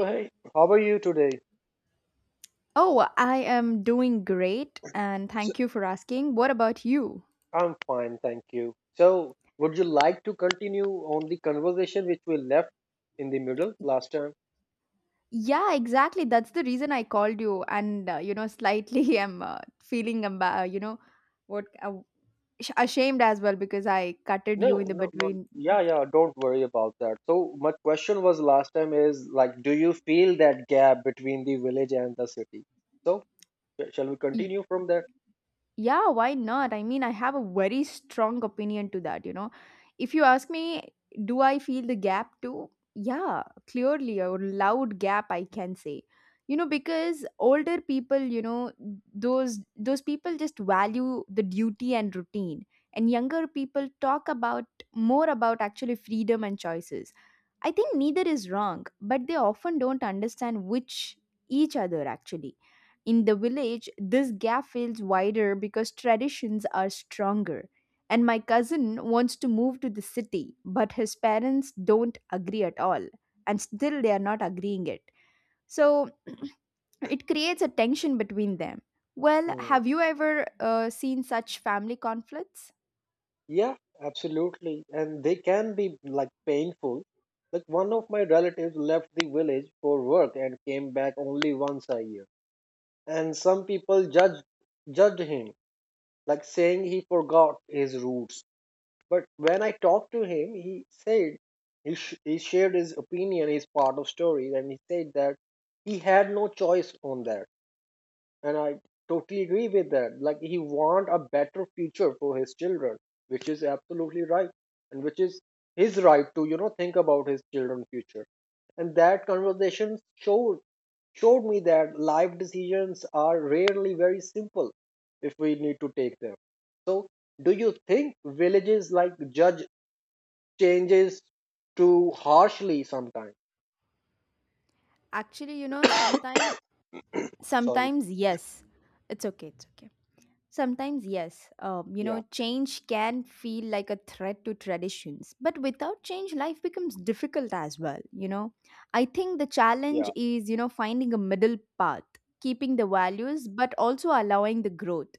Hey, how are you today? Oh, I am doing great and So, thank you for asking. What about you? I'm fine, thank you. So, would you like to continue on the conversation which we left in the middle last time? Yeah, exactly. That's the reason I called you and you know slightly I'm feeling what uh, ashamed as well because I cutted you No, in the no, no. between. Yeah, yeah, don't worry about that. So, my question was last time is like, do you feel that gap between the village and the city? So, shall we Y- continue from there? Yeah, why not? I mean, I have a very strong opinion to that, you know. If you ask me, do I feel the gap too? Yeah, clearly a loud gap I can say. You know, because older people, you know, those people just value the duty and routine, and younger people talk about more about actually freedom and choices. I think neither is wrong, but they often don't understand which each other actually. In the village, this gap feels wider because traditions are stronger. And my cousin wants to move to the city, but his parents don't agree at all. And still, they are not agreeing it. So it creates a tension between them. Well, Hmm. have you ever seen such family conflicts? Yeah, absolutely. And they can be like painful. Like, one of my relatives left the village for work and came back only once a year. And some people judged him, like saying he forgot his roots. But when I talked to him, he said he, he shared his opinion, his part of story, and he said that he had no choice on that, and I totally agree with that. Like he want a better future for his children, which is absolutely right, and which is his right to think about his children's future. And that conversation showed me that life decisions are rarely very simple if we need to take them. So, do you think villages like judge changes too harshly sometimes? Actually, you know, sometimes, Sorry. sometimes, yes. It's okay. It's okay. Sometimes, yes, you know, Yeah, change can feel like a threat to traditions, but without change, life becomes difficult as well. You know, I think the challenge yeah, is, you know, finding a middle path, keeping the values, but also allowing the growth.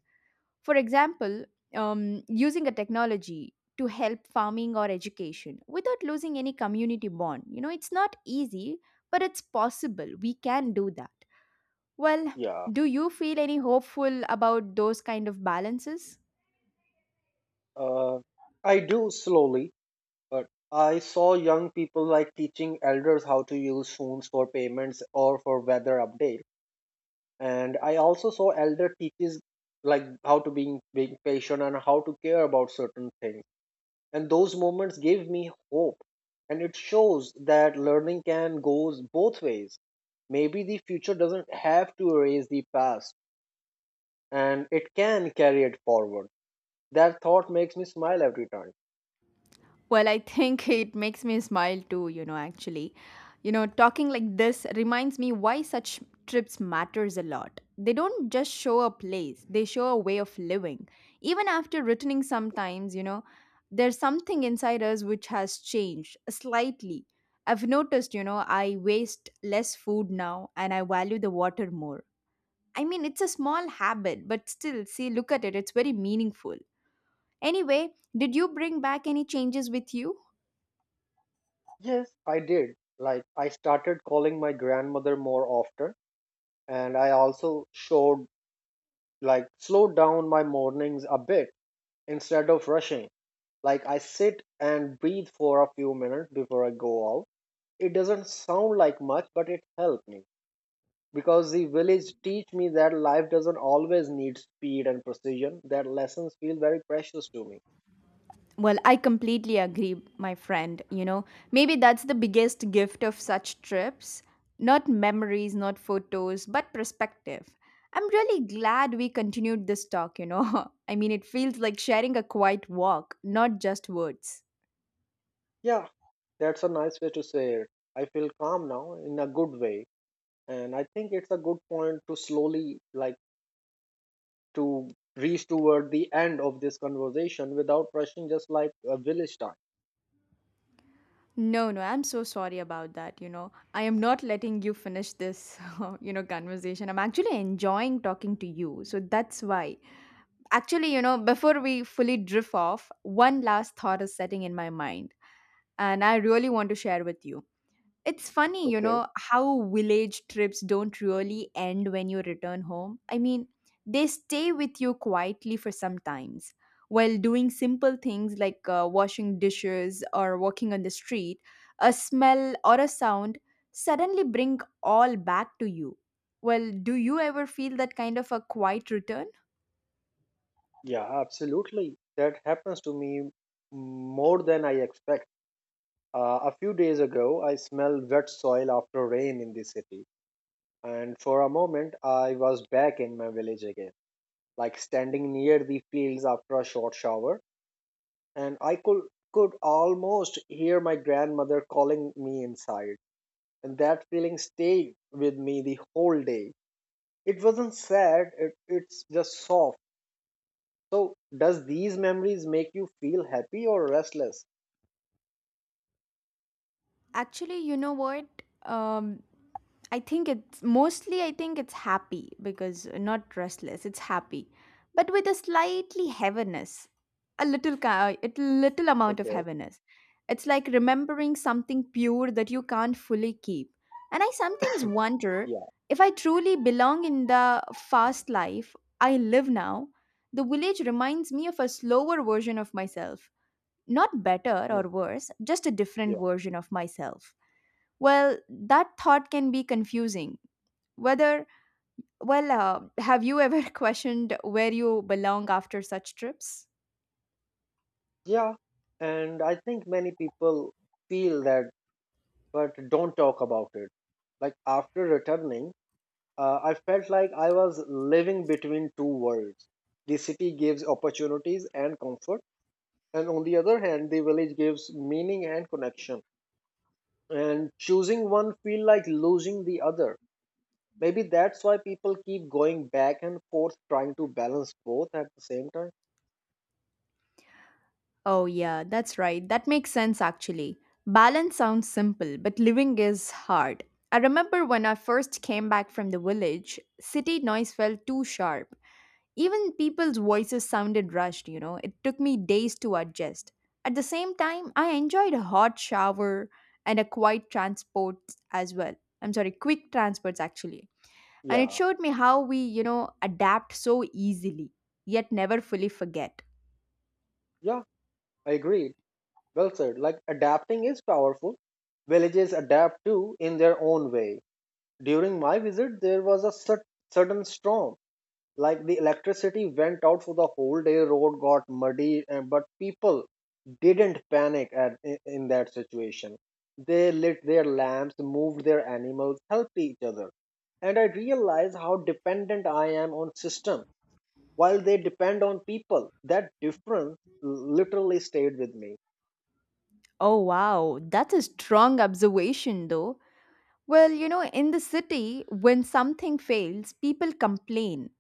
For example, using a technology to help farming or education without losing any community bond. You know, it's not easy, but it's possible. We can do that. Well, yeah. do you feel any hopeful about those kind of balances? Uh, I do slowly, but I saw young people like teaching elders how to use phones for payments or for weather update, and I also saw elder teaches like how to being patient and how to care about certain things, and those moments gave me hope, and it shows that learning can goes both ways. Maybe the future doesn't have to erase the past, and it can carry it forward. That thought makes me smile every time. Well, I think it makes me smile too, you know, actually. You know, talking like this reminds me why such trips matters a lot. They don't just show a place, they show a way of living. Even after returning sometimes, you know, there's something inside us which has changed slightly. I've noticed, you know, I waste less food now and I value the water more. I mean, it's a small habit, but still, see, look at it. It's very meaningful. Anyway, did you bring back any changes with you? Yes, I did. Like I started calling my grandmother more often, and I also showed like slowed down my mornings a bit instead of rushing. Like I sit and breathe for a few minutes before I go out. It doesn't sound like much but it helped me, because the village teach me that life doesn't always need speed and precision. That lessons feel very precious to me. Well, I completely agree, my friend. You know, maybe that's the biggest gift of such trips. Not memories, not photos, but perspective. I'm really glad we continued this talk, you know. I mean, it feels like sharing a quiet walk, not just words. Yeah, that's a nice way to say it. I feel calm now in a good way, and I think it's a good point to slowly like to reach toward the end of this conversation without rushing, just like a village time. No, no, I'm so sorry about that. You know, I am not letting you finish this, you know, conversation. I'm actually enjoying talking to you. So that's why. Actually, you know, before we fully drift off, one last thought is setting in my mind, and I really want to share with you. It's funny, you Okay. know, how village trips don't really end when you return home. I mean, they stay with you quietly for some times. While doing simple things like washing dishes or walking on the street, a smell or a sound suddenly bring all back to you. Well, do you ever feel that kind of a quiet return? Yeah, absolutely, that happens to me more than I expect. A few days ago, I smelled wet soil after rain in the city, and for a moment, I was back in my village again, like standing near the fields after a short shower, and I could almost hear my grandmother calling me inside, and that feeling stayed with me the whole day. It wasn't sad; it's just soft. So, does these memories make you feel happy or restless? Actually, you know what? Um, I think it's mostly I think it's happy because not restless, it's happy. But with a slightly heaviness, a little a little amount of Okay, heaviness. It's like remembering something pure that you can't fully keep. And I sometimes wonder yeah, if I truly belong in the fast life I live now. The village reminds me of a slower version of myself. Not better mm, or worse, just a different yeah. version of myself. Well, that thought can be confusing whether, well, have you ever questioned where you belong after such trips? Yeah, and I think many people feel that but don't talk about it. Like after returning, I felt like I was living between two worlds. The city gives opportunities and comfort, and on the other hand, the village gives meaning and connection. And choosing one feel like losing the other. Maybe that's why people keep going back and forth trying to balance both at the same time. Oh, yeah, that's right. That makes sense actually. Balance sounds simple, but living is hard. I remember when I first came back from the village, city noise felt too sharp. Even people's voices sounded rushed, you know. It took me days to adjust. At the same time, I enjoyed a hot shower and a quiet transport as well. I'm sorry, quick transports actually. And it Yeah, showed me how we, you know, adapt so easily yet never fully forget. yeah, I agree. Well said. Like adapting is powerful. Villages adapt too in their own way. During my visit, there was a sudden storm. Like the electricity went out for the whole day, road got muddy, and but people didn't panic in that situation. They lit their lamps, moved their animals, helped each other. And I realized how dependent I am on system while they depend on people. That difference literally stayed with me. Oh wow, that's a strong observation though. Well, you know, in the city when something fails people complain,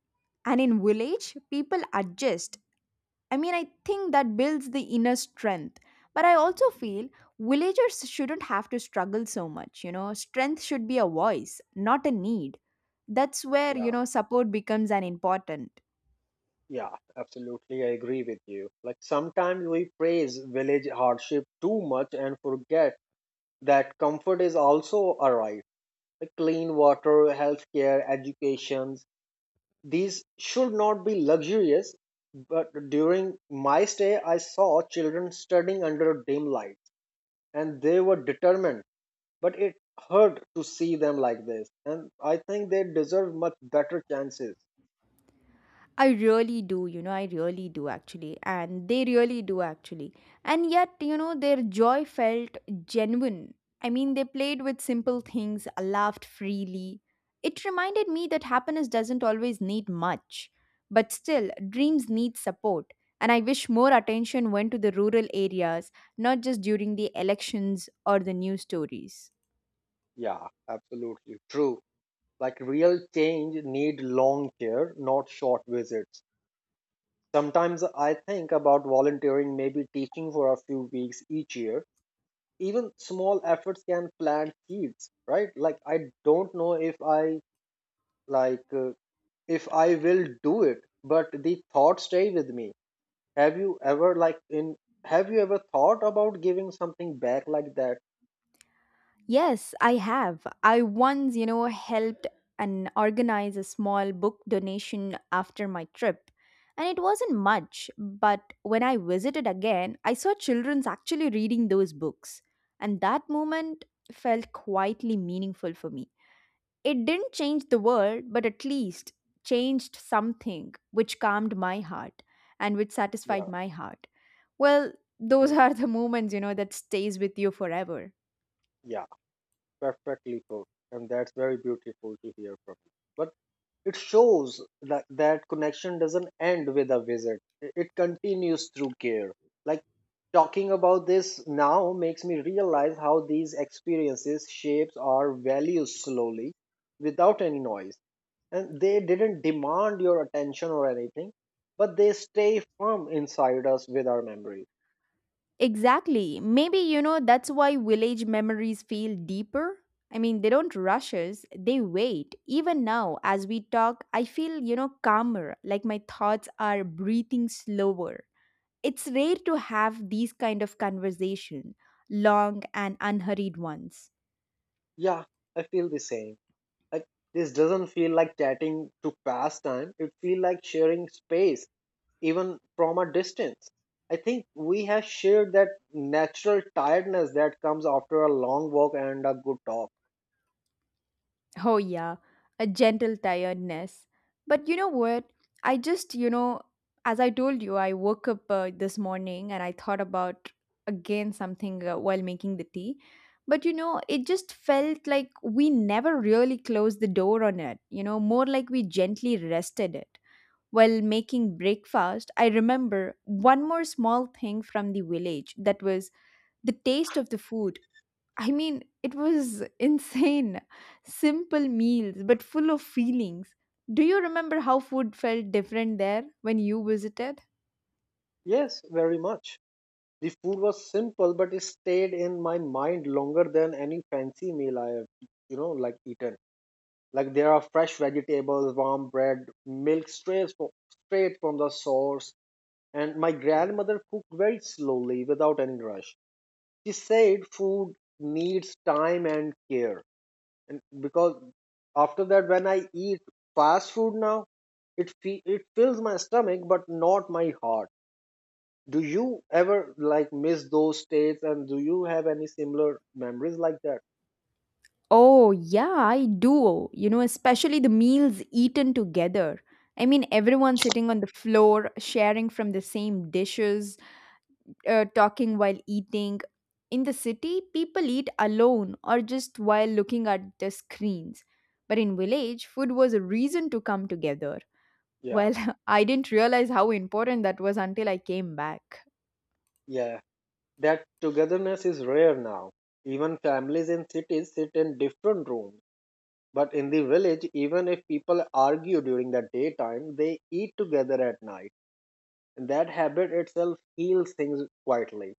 and in village people adjust. I mean, I think that builds the inner strength. But I also feel villagers shouldn't have to struggle so much. You know, strength should be a voice, not a need. That's where, you Yeah. know, support becomes an important. Yeah, absolutely. I agree with you. Like sometimes we praise village hardship too much and forget that comfort is also a right. Like clean water, healthcare, educations. These should not be luxurious. But during my stay, I saw children studying under dim lights and they were determined. But it hurt to see them like this. And I think they deserve much better chances. I really do, you know, I really do actually. And they really do actually. And yet, you know, their joy felt genuine. I mean, they played with simple things, laughed freely. It reminded me that happiness doesn't always need much. But still, dreams need support. And I wish more attention went to the rural areas, not just during the elections or the news stories. Yeah, absolutely. True. Like real change need long care, not short visits. Sometimes I think about volunteering, maybe teaching for a few weeks each year. Even small efforts can plant seeds, right? Like I don't know if I like if I will do it, but the thought stay with me. Have you ever like in have you ever thought about giving something back like that? Yes, I have. I once, you know, helped and organize a small book donation after my trip. And it wasn't much, but when I visited again, I saw children's actually reading those books. And that moment felt quietly meaningful for me. It didn't change the world, but at least changed something which calmed my heart and which satisfied Yeah. my heart. Well, those Mm. are the moments, you know, that stays with you forever. Yeah, perfectly put. And that's very beautiful to hear from you. But it shows that, that connection doesn't end with a visit, it continues through care. Like talking about this now makes me realize how these experiences shapes our values slowly without any noise. And they didn't demand your attention or anything, but they stay firm inside us with our memories. Exactly. Maybe, you know, that's why village memories feel deeper. I mean, they don't rush us, they wait. Even now, as we talk, I feel, you know, calmer, like my thoughts are breathing slower. It's rare to have these kind of conversation, long and unhurried ones. Yeah, I feel the same. Like this doesn't feel like chatting to pass time. It feels like sharing space even from a distance. I think we have shared that natural tiredness that comes after a long walk and a good talk. Oh, yeah, a gentle tiredness. But you know what? I just, you know, as I told you, I woke up this morning and I thought about again something while making the tea. But you know, it just felt like we never really closed the door on it, you know, more like we gently rested it. While making breakfast, I remember one more small thing from the village that was the taste of the food. I mean, it was insane. Simple meals, but full of feelings. Do you remember how food felt different there when you visited? Yes, very much. The food was simple, but it stayed in my mind longer than any fancy meal I have, like eaten. Like there are fresh vegetables, warm bread, straight from the source. And my grandmother cooked very slowly without any rush. She said food needs time and care, and because after that when I eat fast food now, it it fills my stomach but not my heart. Do you ever like miss those states, and do you have any similar memories like that? Oh, yeah, I do. You know, especially the meals eaten together. I mean, everyone sitting on the floor, sharing from the same dishes, talking while eating. In the city, people eat alone or just while looking at the screens. But in village, food was a reason to come together. Yeah, Well, I didn't realize how important that was until I came back. yeah, that togetherness is rare now. Even families in cities sit in different rooms, but in the village, even if people argue during the daytime, they eat together at night, and that habit itself heals things quietly.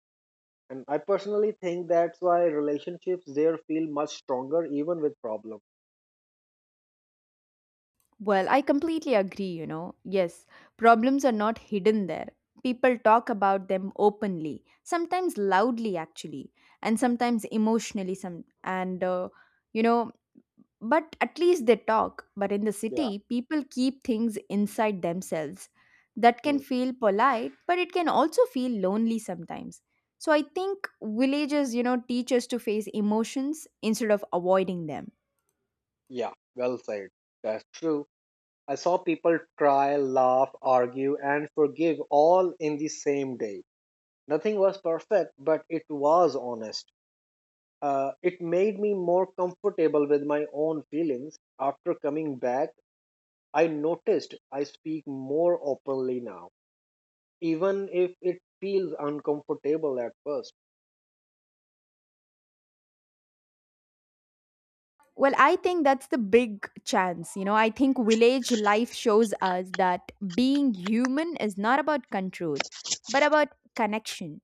And I personally think that's why relationships there feel much stronger even with problems. Well, I completely agree, you know. Yes, problems are not hidden there. People talk about them openly, sometimes loudly actually, and sometimes emotionally some and you know, but at least they talk. But in the Yeah. city, people keep things inside themselves. That can Hmm. feel polite, but it can also feel lonely sometimes. So I think villages, you know, teach us to face emotions instead of avoiding them. Yeah, well said. That's true. I saw people cry, laugh, argue, and forgive all in the same day. Nothing was perfect, but it was honest. It made me more comfortable with my own feelings. After coming back, I noticed I speak more openly now, even if it feels uncomfortable at first. Well, I think that's the big chance. You know, I think village life shows us that being human is not about control, but about connection.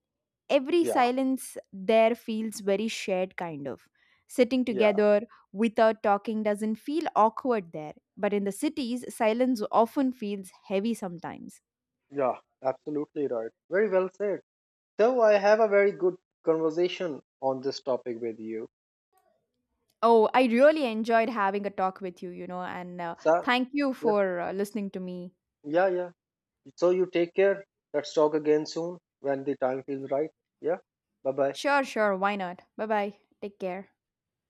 Every Yeah. silence there feels very shared, kind of. Sitting Yeah. together without talking doesn't feel awkward there, but in the cities, silence often feels heavy sometimes. Yeah, absolutely right. Very well said. So I have a very good conversation on this topic with you. Oh, I really enjoyed having a talk with you, you know, and So thank you yeah, for listening to me. yeah, yeah. So you take care. Let's talk again soon when the time feels right. Yeah. Bye bye. Sure, sure, why not? Bye bye. Take care.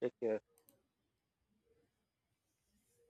Take care.